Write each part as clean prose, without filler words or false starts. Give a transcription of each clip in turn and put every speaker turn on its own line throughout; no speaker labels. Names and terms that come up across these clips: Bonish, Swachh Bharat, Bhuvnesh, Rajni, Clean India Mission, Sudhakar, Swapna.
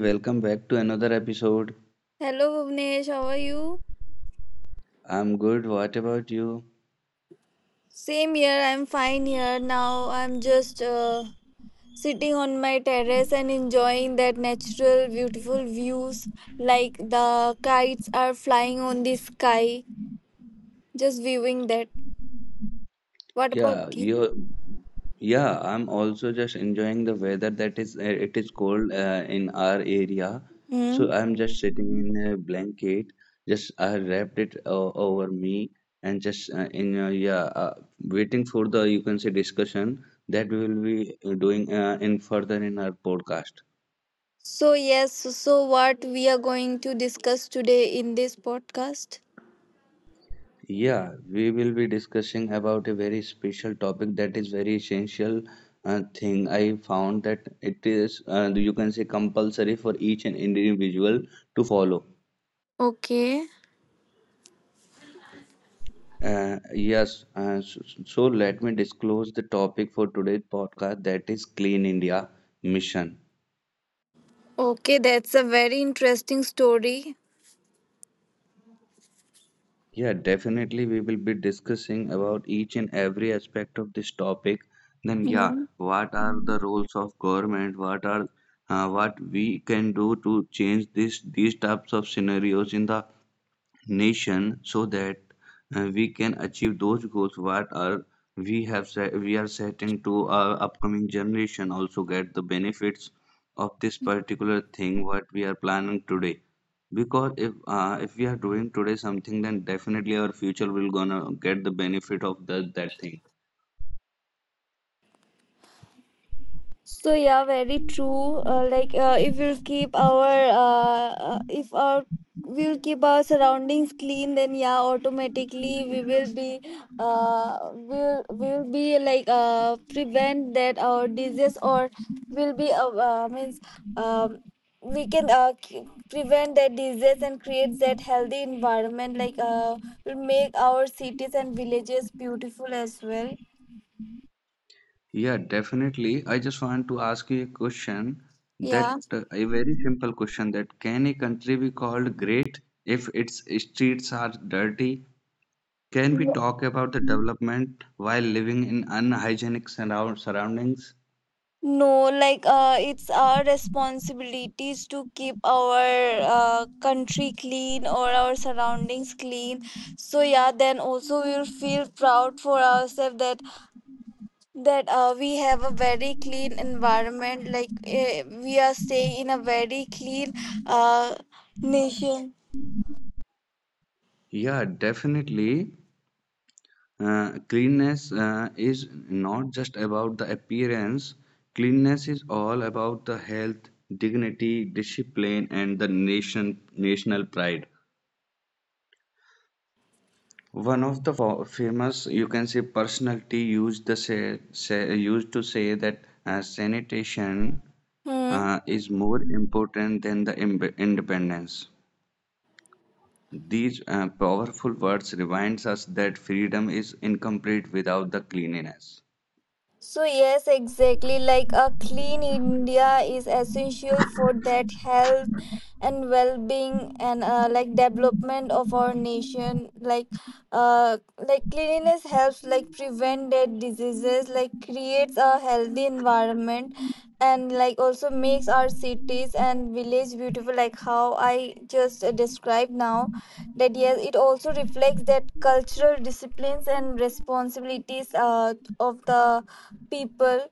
welcome back to another episode.
Hello Bhuvnesh, how are you?
I'm good. What about you?
Same here, I'm fine here. Now I'm just sitting on my terrace and enjoying that natural, beautiful views like the kites are flying on the sky. Just viewing that. What about
Yeah,
you?
you yeah, I'm also just enjoying the weather that is it is cold in our area.
Hmm?
So I'm just sitting in a blanket. Just I wrapped it over me and waiting for the, you can say, discussion that we will be doing in further in our podcast.
So, yes, so what we are going to discuss today in this podcast?
Yeah, we will be discussing about a very special topic that is very essential thing. I found that it is, you can say, compulsory for each and individual to follow.
Okay.
So let me disclose the topic for today's podcast, that is Clean India Mission.
Okay, that's a very interesting story.
Yeah, definitely we will be discussing about each and every aspect of this topic. Then yeah,
Hmm.
what are the roles of government? What we can do to change this these types of scenarios in the nation, so that we can achieve those goals what are we have set, we are setting, to our upcoming generation also get the benefits of this particular thing what we are planning today. Because if if we are doing today, something then definitely our future will gonna get the benefit of that thing.
So yeah, very true. If we'll keep our if our we'll keep our surroundings clean, then yeah, automatically we will be will be like prevent that our disease or will be means um we can prevent that disease and create that healthy environment like will make our cities and villages beautiful as well.
Yeah, definitely. I just want to ask you a question, that
Yeah.
a very simple question, that can a country be called great if its streets are dirty? Can we talk about the development while living in unhygienic surroundings?
No, like it's our responsibilities to keep our country clean or our surroundings clean. So yeah, then also we'll feel proud for ourselves that that we have a very clean environment. Like we are staying in a very clean uh, nation.
Yeah, definitely. Cleanness is not just about the appearance. Cleanliness is all about the health, dignity, discipline, and the national pride. One of the famous, you can say, personality used the say, say, used to say that sanitation
Hmm.
is more important than the independence. These powerful words reminds us that freedom is incomplete without the cleanliness.
So yes, exactly. Like a clean India is essential for that health and well-being and like development of our nation. Uh, like cleanliness helps like prevent that diseases. Like creates a healthy environment, and like also makes our cities and village beautiful. Like how I just described now. That yes, it also reflects that cultural disciplines and responsibilities of the people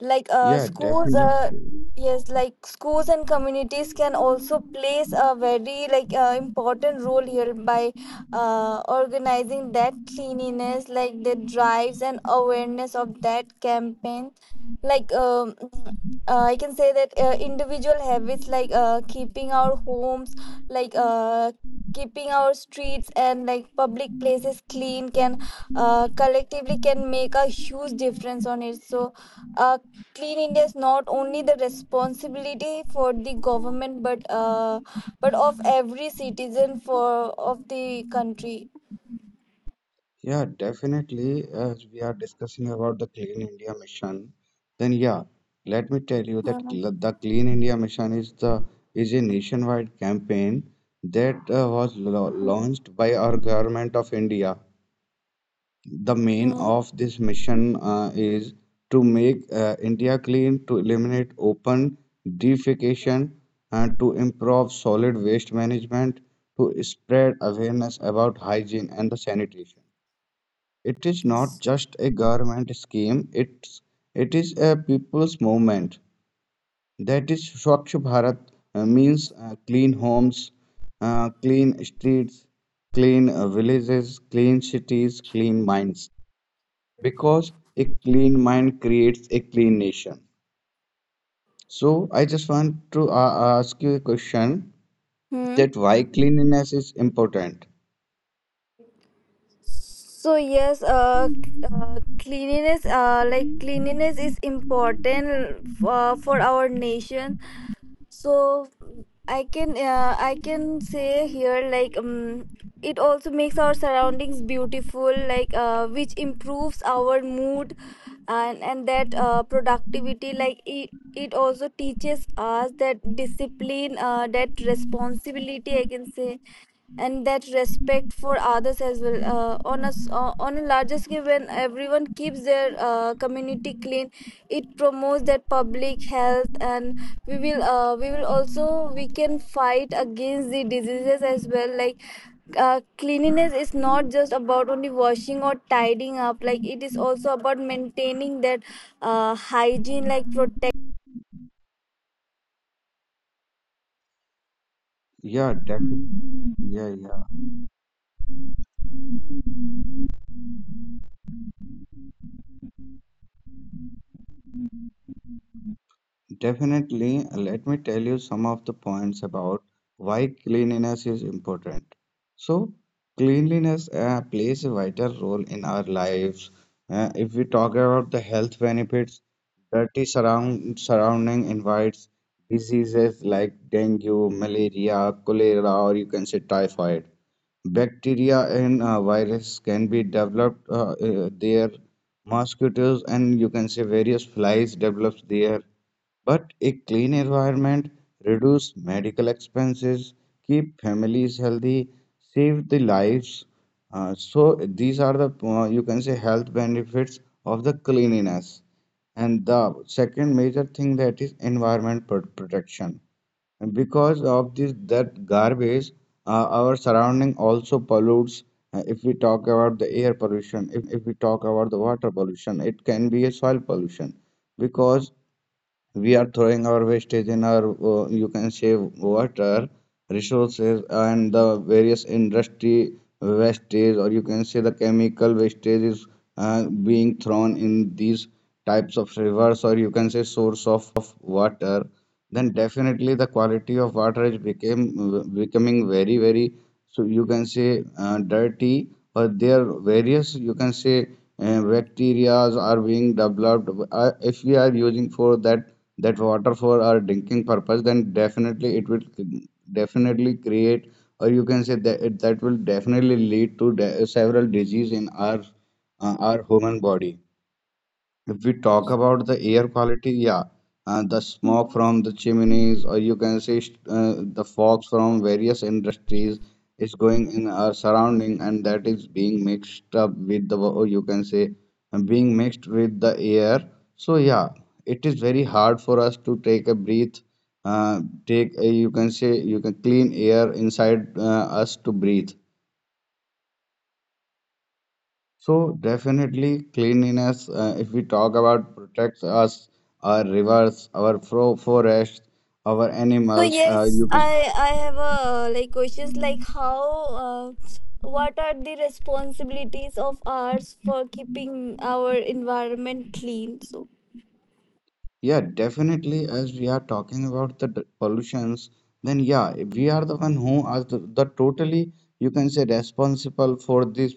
like
Yeah,
schools yes like schools and communities can also plays a very like important role here by organizing that cleanliness like the drives and awareness of that campaign like I can say that individual habits like keeping our homes like keeping our streets and like public places clean can collectively can make a huge difference on it. So a Clean India is not only the responsibility for the government, but of every citizen for of the country.
yeah, definitely. As we are discussing about the Clean India Mission, then yeah, let me tell you that
Mhm.
the Clean India Mission is the is a nationwide campaign that was
Mhm.
launched by our government of India. The main
Mhm.
of this mission is to make India clean, to eliminate open defecation, and to improve solid waste management, to spread awareness about hygiene and the sanitation. It is not just a government scheme; it is a people's movement. That is, Swachh Bharat means clean homes, clean streets, clean villages, clean cities, clean minds, because a clean mind creates a clean nation. So I just want to ask you a question,
Hmm.
that why cleanliness is important.
So yes, cleanliness, like cleanliness is important for our nation. So I can say here like it also makes our surroundings beautiful like which improves our mood and that productivity. Like it also teaches us that discipline that responsibility I can say and that respect for others as well. On a on a larger scale, when everyone keeps their community clean, it promotes that public health and we will also we can fight against the diseases as well. Like cleanliness is not just about only washing or tidying up. Like it is also about maintaining that hygiene like protect
Yeah, definitely. Yeah, yeah. Definitely, let me tell you some of the points about why cleanliness is important. So, cleanliness plays a vital role in our lives. If we talk about the health benefits, dirty surrounding invites diseases like dengue, malaria, cholera, or you can say typhoid. Bacteria and virus can be developed there. Mosquitoes and, you can say, various flies develops there, but a clean environment reduce medical expenses, keep families healthy, save the lives. So these are the, you can say, health benefits of the cleanliness. And the second major thing, that is environment protection. And because of this, that garbage, our surrounding also pollutes. If we talk about the air pollution, if we talk about the water pollution, it can be a soil pollution, because we are throwing our wastage in our, you can say, water resources, and the various industry wastage, or you can say the chemical wastage, is being thrown in these types of rivers, or you can say source of water, then definitely the quality of water is became becoming very, very, so you can say, dirty, or there are various, you can say, bacterias are being developed. If we are using for that that water for our drinking purpose, then definitely it will definitely create, or you can say, that that will definitely lead to several disease in our human body. If we talk about the air quality, yeah, the smoke
Mhm.
from the chimneys, or you can say, the fogs from various industries is going in our surrounding, and that is being mixed up with the, or you can say, being mixed with the air. So yeah, it is very hard for us to take a breath, take a, you can say, you can clean air inside us to breathe. So definitely cleanliness, if we talk about, protects us, our rivers, our fro forests, our
So
animals. Uh,
yes,
you can,
I have a like questions like how uh, what are the responsibilities of ours for keeping our environment clean? So
yeah, definitely. As we are talking about the pollutions, then yeah, we are the one who are the totally, you can say, responsible for this,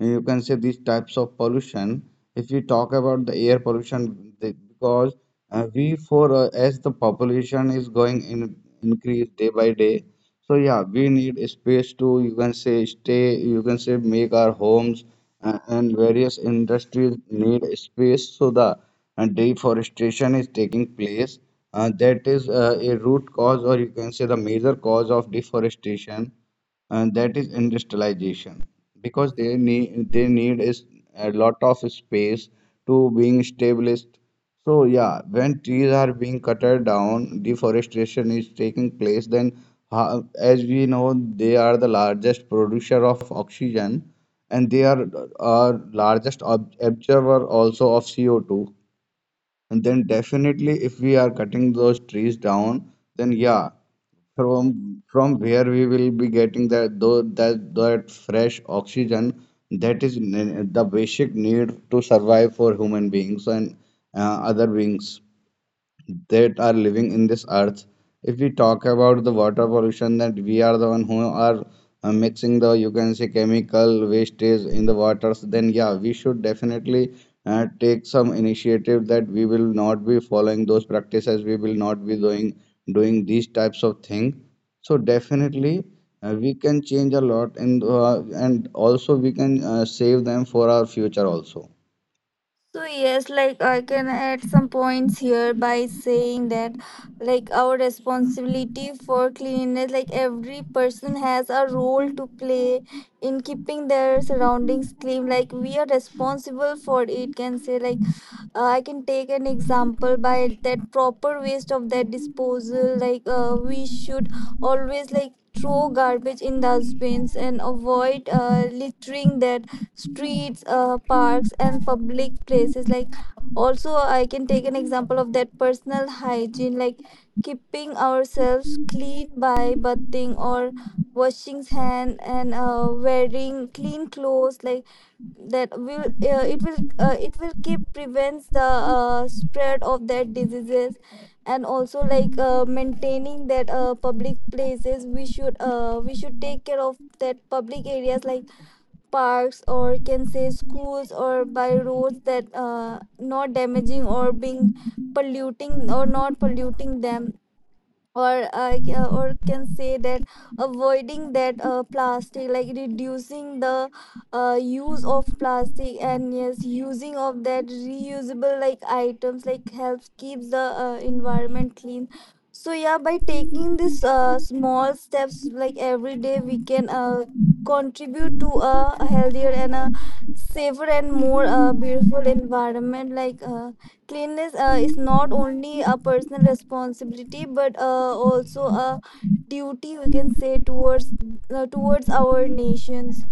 you can say, these types of pollution. If we talk about the air pollution, because we for as the population is going in increase day by day. So yeah, we need a space to, you can say, stay, you can say, make our homes, and various industries need a space. So the deforestation is taking place. That is a root cause, or you can say the major cause of deforestation, and that is industrialization, because they need, is a lot of space to being established. So yeah, when trees are being cut down, deforestation is taking place. Then, as we know, they are the largest producer of oxygen, and they are our largest absorber also of CO2. And then definitely, if we are cutting those trees down, then yeah, from where we will be getting that that fresh oxygen, that is the basic need to survive for human beings and other beings that are living in this earth. If we talk about the water pollution, that we are the one who are mixing the, you can say, chemical wastage in the waters, then yeah, we should definitely take some initiative that we will not be following those practices. We will not be doing these types of thing. So definitely. We can change a lot, and also we can save them for our future also.
So yes, like I can add some points here by saying that like our responsibility for cleanliness, like every person has a role to play in keeping their surroundings clean. Like we are responsible for it, can say like I can take an example by that proper waste of that disposal. Like we should always like throw garbage in dustbins and avoid littering that streets, parks, and public places. Like, also, I can take an example of that personal hygiene, like keeping ourselves clean by bathing or washing hand and wearing clean clothes like that will it will keep prevents the spread of that diseases, and also like maintaining that public places. We should we should take care of that public areas like parks or can say schools or by roads, that not damaging or being polluting or not polluting them, or or can say that avoiding that plastic, like reducing the use of plastic, and yes using of that reusable like items like helps keeps the environment clean. So yeah, by taking this small steps like every day, we can contribute to a healthier and a safer and more beautiful environment. Like cleanliness is not only a personal responsibility but also a duty we can say towards towards our nations.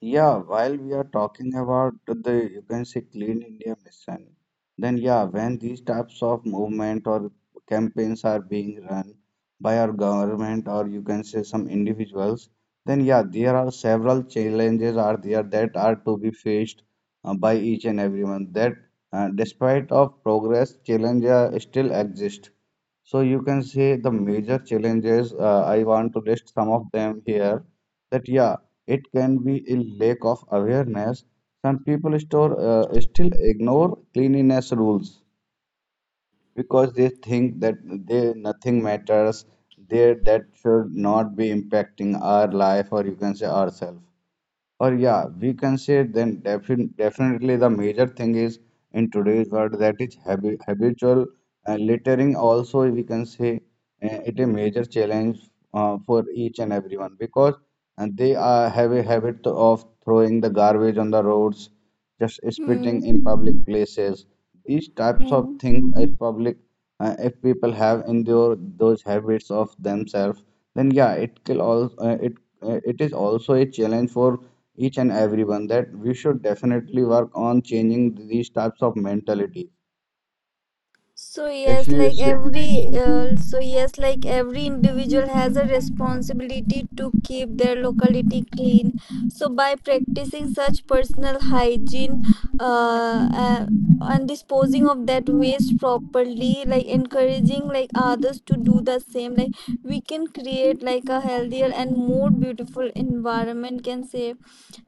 Yeah, while we are talking about the, you can say, Clean India Mission, then yeah, when these types of movement or campaigns are being run by our government, or you can say some individuals, then yeah, there are several challenges are there that are to be faced by each and everyone. That despite of progress, challenges still exist. So, you can say the major challenges, I want to list some of them here. That yeah, it can be a lack of awareness. Some people still ignore cleanliness rules because they think that they nothing matters. They that should not be impacting our life, or you can say ourselves. Or yeah, we can say, then definitely the major thing is in today's world, that is habitual littering. Also, we can say, it a major challenge for each and everyone, because they have a habit of throwing the garbage on the roads, just spitting
Hmm.
in public places. These types of
Hmm.
things, if people have in their those habits of themselves, then yeah, it will all, it is also a challenge for each and everyone, that we should definitely work on changing these types of mentality.
So
If
yes,
you,
like every individual has a responsibility to keep their locality clean. So by practicing such personal hygiene, uh, uh, and disposing of that waste properly, like encouraging like others to do the same, like we can create like a healthier and more beautiful environment. Can say,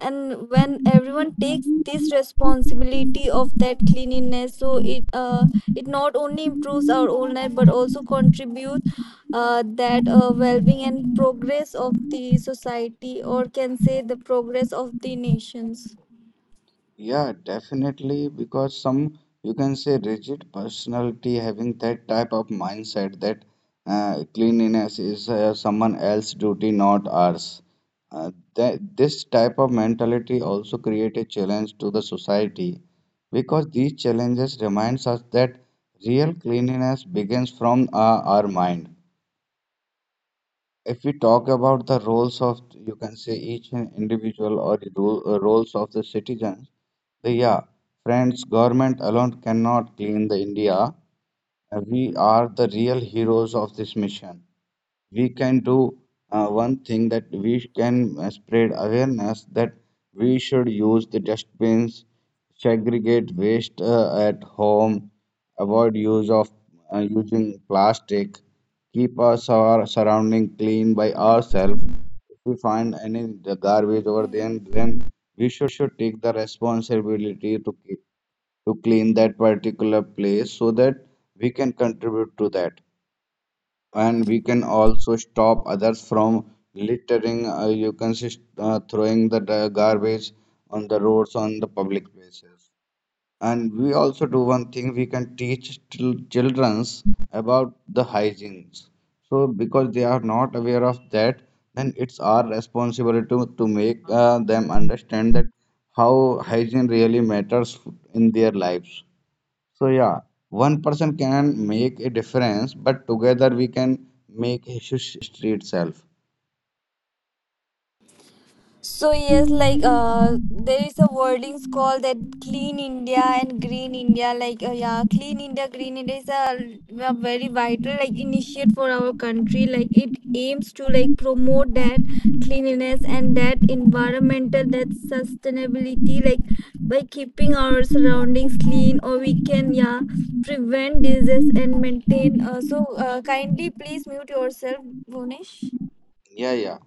and when everyone takes this responsibility of that cleanliness, so it it not only improves our own life but also contributes that well-being and progress of the society, or can say the progress of the nations.
yeah, definitely, because some, you can say, rigid personality having that type of mindset, that cleanliness is someone else's duty, not ours. uh, that this type of mentality also create a challenge to the society, because these challenges reminds us that real cleanliness begins from our mind. If we talk about the roles of, you can say, each an individual, or the role, roles of the citizens, the yeah friends, government alone cannot clean the India. We are the real heroes of this mission. We can do one thing, that we can spread awareness, that we should use the dustbins, segregate waste at home, avoid use of using plastic, keep our surrounding clean by ourselves. If we find any the garbage over there, then we should take the responsibility to keep, to clean that particular place, so that we can contribute to that, and we can also stop others from littering. You can see, throwing the garbage on the roads, on the public places. And we also do one thing, we can teach childrens about the hygienes. So because they are not aware of that, then it's our responsibility to make them understand that how hygiene really matters in their lives. So yeah, one person can make a difference, but together we can make history itself.
So yes, like there is a wordings called that clean India and green India. Like yeah, clean India, green India is a very vital like initiate for our country. Like it aims to like promote that cleanliness and that environmental that sustainability. Like by keeping our surroundings clean, or we can yeah prevent disease and maintain. Kindly please mute yourself, Bonish.
Yeah, yeah.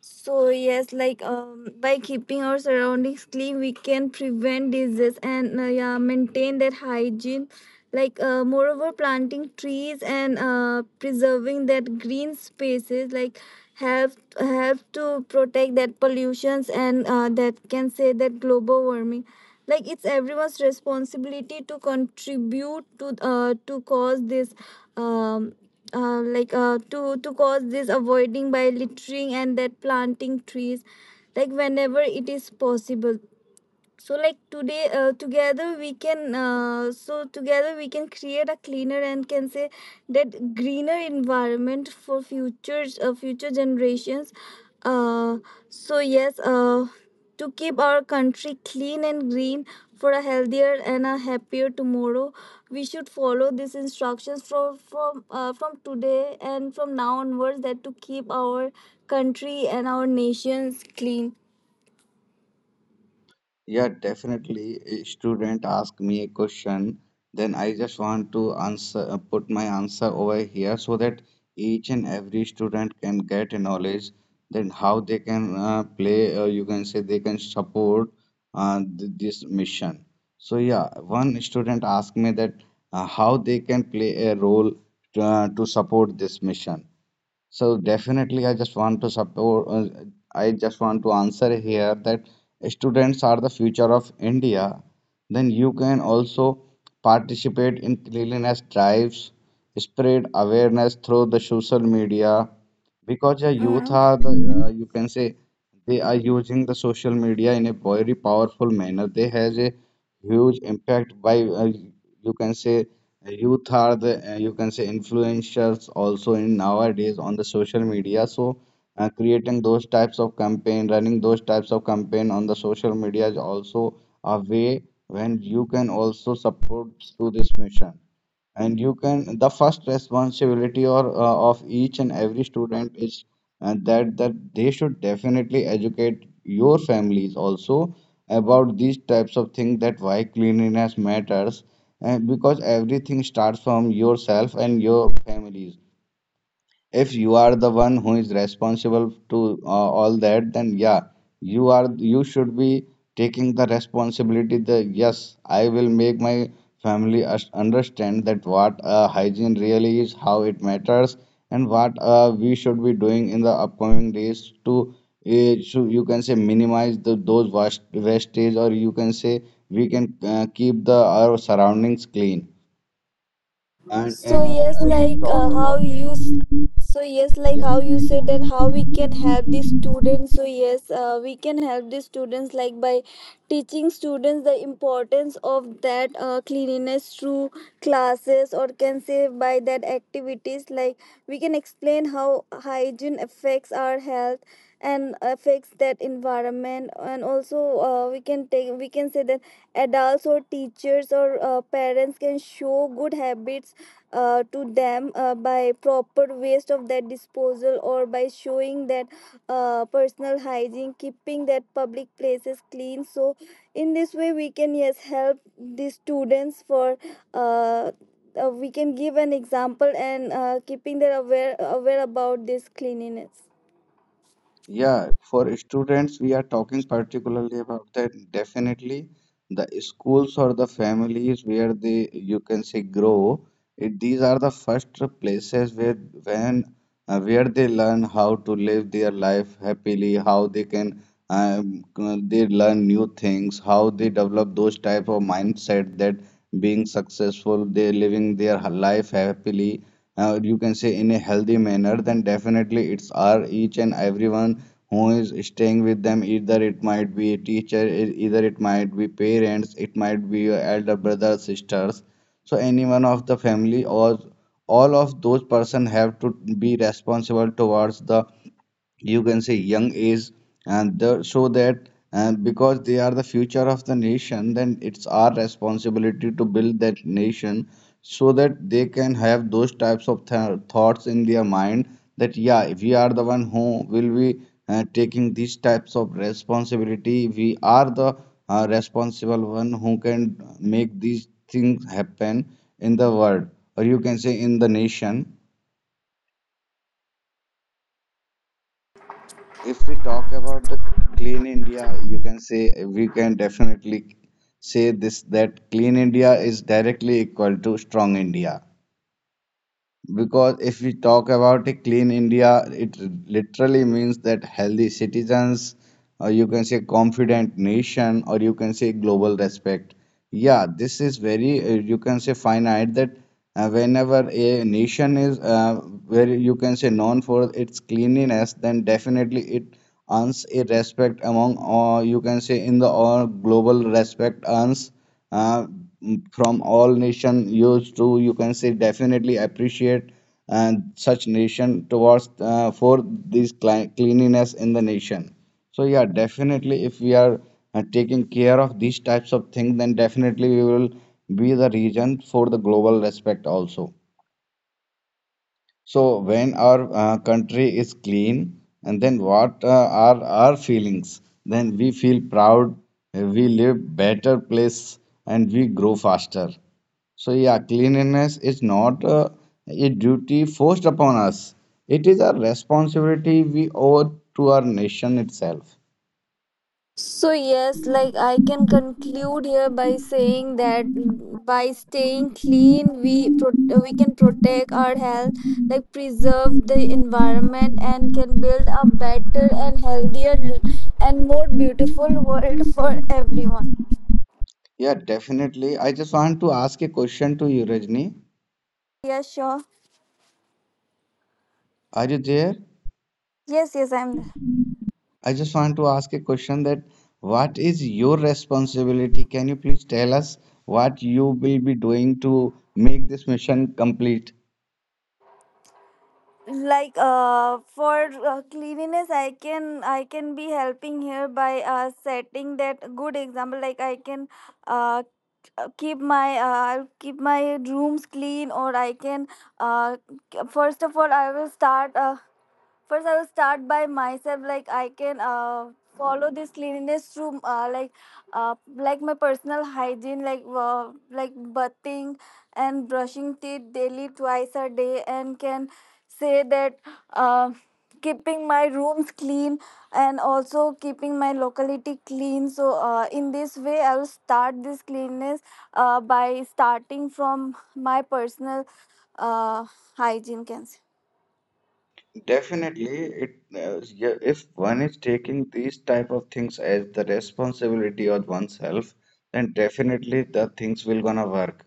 So yes, like by keeping our surroundings clean, we can prevent diseases and yeah, maintain their hygiene. Like moreover, planting trees and preserving that green spaces like help help to protect that pollutions and that can say that global warming. Like it's everyone's responsibility to contribute to cause this um like to cause this avoiding by littering and that planting trees like whenever it is possible. So like today together we can so together we can create a cleaner and can say that greener environment for future generations. uh, so yes, to keep our country clean and green for a healthier and a happier tomorrow, we should follow these instructions from from today and from now onwards, that to keep our country and our nations clean.
Yeah, definitely. A student ask me a question, then I just want to answer, put my answer over here so that each and every student can get a knowledge. Then how they can play, you can say they can support this mission. So yeah, one student asked me that how they can play a role to support this mission. So definitely, I just want to support. I just want to answer here that students are the future of India. Then you can also participate in cleanliness drives, spread awareness through the social media, because the youth
Mm.
are you can say they are using the social media in a very powerful manner. They has a huge impact by you can say youth are you can say, influencers also in nowadays on the social media. So, creating those types of campaign, running those types of campaign on the social media is also a way when you can also support to this mission and you can the first responsibility or of each and every student is that they should definitely educate your families also about these types of things that why cleanliness matters and because everything starts from yourself and your families. If you are the one who is responsible to all that, then yeah, you are you should be taking the responsibility. The yes, I will make my family understand that what hygiene really is, how it matters, and what we should be doing in the upcoming days to so you can say minimize the, those waste, wastage, or you can say we can keep the our surroundings clean. And
So yes,
I
like
talk about
so yes, like
yes.
how you said that how we can help the students. So yes, we can help the students like by teaching students the importance of that cleanliness through classes or can say by that activities. Like we can explain how hygiene affects our health and affects that environment, and also we can say that adults or teachers or parents can show good habits to them by proper waste of that disposal or by showing that personal hygiene, keeping that public places clean. So in this way we can yes help the students for uh, we can give an example and keeping them aware about this cleanliness.
Yeah, for students, we are talking particularly about that. Definitely, the schools or the families where they you can say grow. It, these are the first places where when where they learn how to live their life happily, how they can um, they learn new things, how they develop those type of mindset that being successful, they living their life happily. You can say in a healthy manner, then definitely it's our each and everyone who is staying with them. Either it might be a teacher, either it might be parents, it might be your elder brother, sisters, so any one of the family or all of those person have to be responsible towards the you can say young age and the, so that and because they are the future of the nation, then it's our responsibility to build that nation so that they can have those types of thoughts in their mind that yeah, if we are the one who will be taking these types of responsibility, we are the responsible one who can make these things happen in the world, or you can say in the nation. If we talk about the clean India, you can say we can definitely say this, that clean India is directly equal to strong India. Because if we talk about a clean India, it literally means that healthy citizens, or you can say confident nation, or you can say global respect. Yeah, this is very, you can say, finite that whenever a nation is where you can say known for its cleanliness, then definitely it earns a respect among, or you can say, in the all global respect earns uh, from all nation used to, you can say, definitely appreciate such nation towards for this cleanliness in the nation. So yeah, definitely if we are taking care of these types of things, then definitely we will be the region for the global respect also. So when our country is clean, and then what are our feelings? Then we feel proud, we live better place, and we grow faster. So yeah, cleanliness is not a duty forced upon us. It is a responsibility we owe to our nation itself.
So yes, like I can conclude here by saying that by staying clean, we can protect our health, like preserve the environment, and can build a better and healthier and more beautiful world for everyone.
Yeah, definitely. I just want to ask a question to you, Rajni.
Yeah, sure.
Are you there?
Yes, yes, I'm there.
I just want to ask a question that what is your responsibility? Can you please tell us what you will be doing to make this mission complete?
Like for cleanliness, I can be helping here by setting that good example. Like I can uh, keep my I'll keep my rooms clean, or I can uh, first of all I will start first I will start by myself. Like I can follow this cleanliness through uh, like my personal hygiene, like bathing and brushing teeth daily twice a day, and can say that uh, keeping my rooms clean and also keeping my locality clean. So in this way I will start this cleanliness by starting from my personal uh, hygiene, can say.
Definitely, it yeah, if one is taking these type of things as the responsibility of oneself, then definitely the things will gonna work.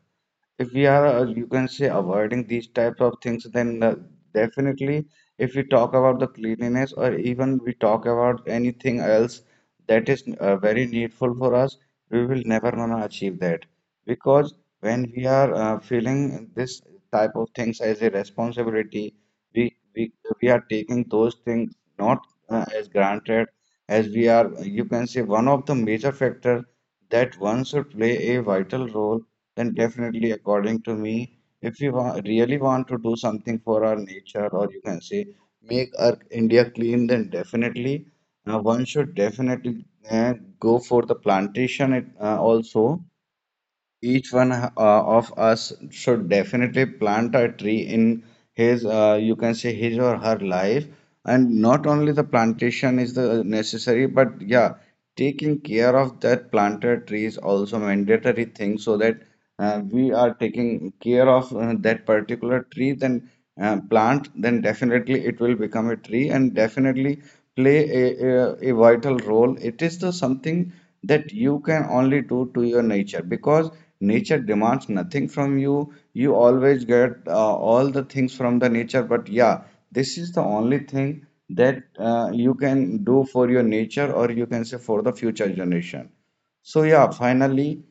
If we are you can say avoiding these types of things, then definitely if we talk about the cleanliness, or even we talk about anything else that is very needful for us, we will never gonna achieve that. Because when we are feeling this type of things as a responsibility, we we, we are taking those things not as granted, as we are you can say one of the major factor that one should play a vital role, then definitely, according to me, if we really want to do something for our nature, or you can say make our India clean, then definitely one should definitely go for the plantation it, also. Each one of us should definitely plant a tree in his, you can say, his or her life. And not only the plantation is the necessary, but yeah, taking care of that planted tree is also mandatory thing, so that we are taking care of that particular tree, then plant, then definitely it will become a tree and definitely play a, a vital role. It is the something that you can only do to your nature, because nature demands nothing from you. You always get all the things from the nature, but yeah, this is the only thing that you can do for your nature, or you can say for the future generation. So yeah, finally,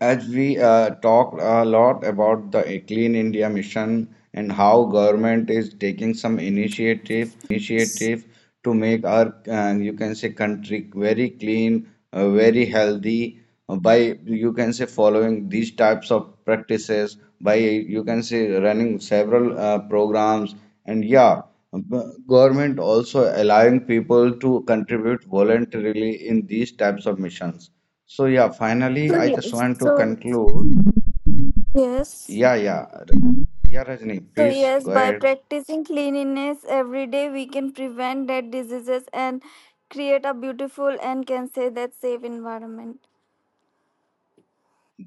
as we talked a lot about the Clean India mission and how government is taking some initiative to make our, you can say, country very clean, very healthy by, you can say, following these types of practices, by, you can say, running several programs. And yeah, b- government also allowing people to contribute voluntarily in these types of missions. So yeah, finally,
So,
I just
yes.
want to
So
conclude.
yes,
Yeah, yeah. Yeah, Rajni,
So
please
yes,
go
by
ahead.
practicing cleanliness every day, we can prevent that diseases and create a beautiful and can say that safe environment.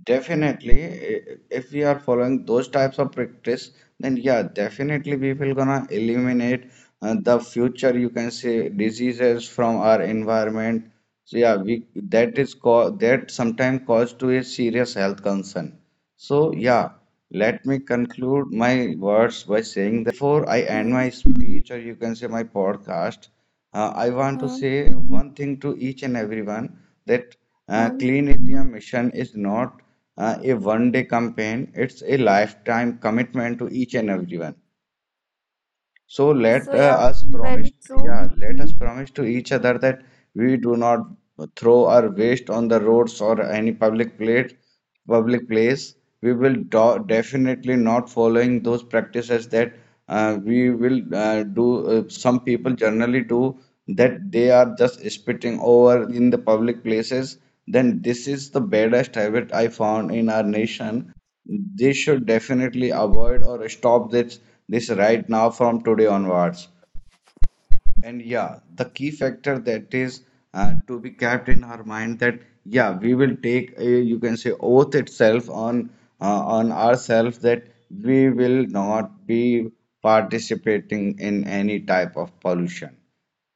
Definitely, if we are following those types of practice, then yeah, definitely we will gonna eliminate the future, you can say, diseases from our environment. So yeah, we that is called that sometimes cause to a serious health concern. So, yeah, let me conclude my words by saying this. Before I end
Hmm.
my speech, or you can say my podcast, I want to
Hmm.
say one thing to each and everyone that
Hmm.
Clean India Mission is not a one day campaign, it's a lifetime commitment to each and everyone. So
So
let
yeah,
us promise,
very true.
yeah, let us promise to each other that we do not throw our waste on the roads or any public place. Public place. We will do definitely not following those practices that we will do. Some people generally do that. They are just spitting over in the public places. Then this is the baddest habit I found in our nation. They should definitely avoid or stop this right now from today onwards. And yeah, the key factor that is to be kept in our mind, that yeah, we will take a, you can say oath itself uh, on ourselves, that we will not be participating in any type of pollution.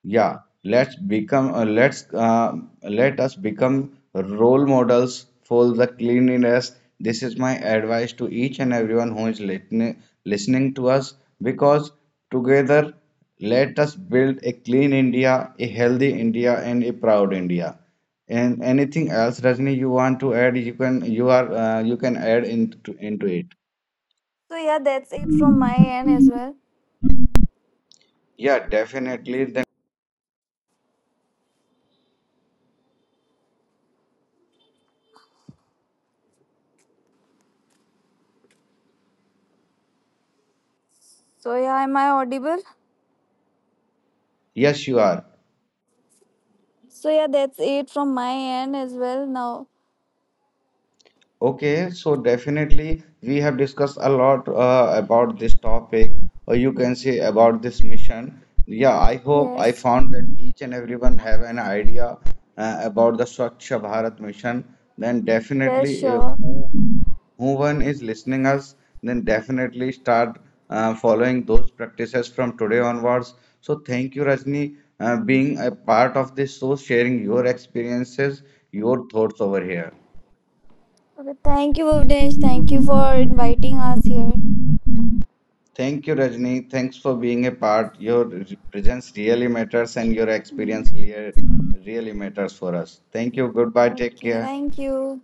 Yeah, let's become uh, let's uh, let us become role models for the cleanliness. This is my advice to each and everyone who is listening to us, because together let us build a clean India, a healthy India, and a proud India. And anything else, Rajni, you want to add? You can you can add into it.
So yeah, that's it from my end as well.
Yeah, definitely. Then
So yeah, am I audible?
yes, you are.
So yeah, that's it from my end as well now.
Okay, so definitely we have discussed a lot about this topic, or you can say about this mission. Yeah, I hope I
Yes.
found that each and everyone have an idea about the Swachh Bharat mission. Then
Yes,
definitely, if
sure.
who one is listening us, then definitely start following those practices from today onwards. So thank you, Rajni, being a part of this show, sharing your experiences, your thoughts over here.
Okay, thank you, Bhuvnesh. Thank you for inviting us here.
Thank you, Rajni. Thanks for being a part. Your presence really matters, and your
Hmm.
experience here really matters for us. Thank you. Goodbye. Take
Okay,
care.
thank you.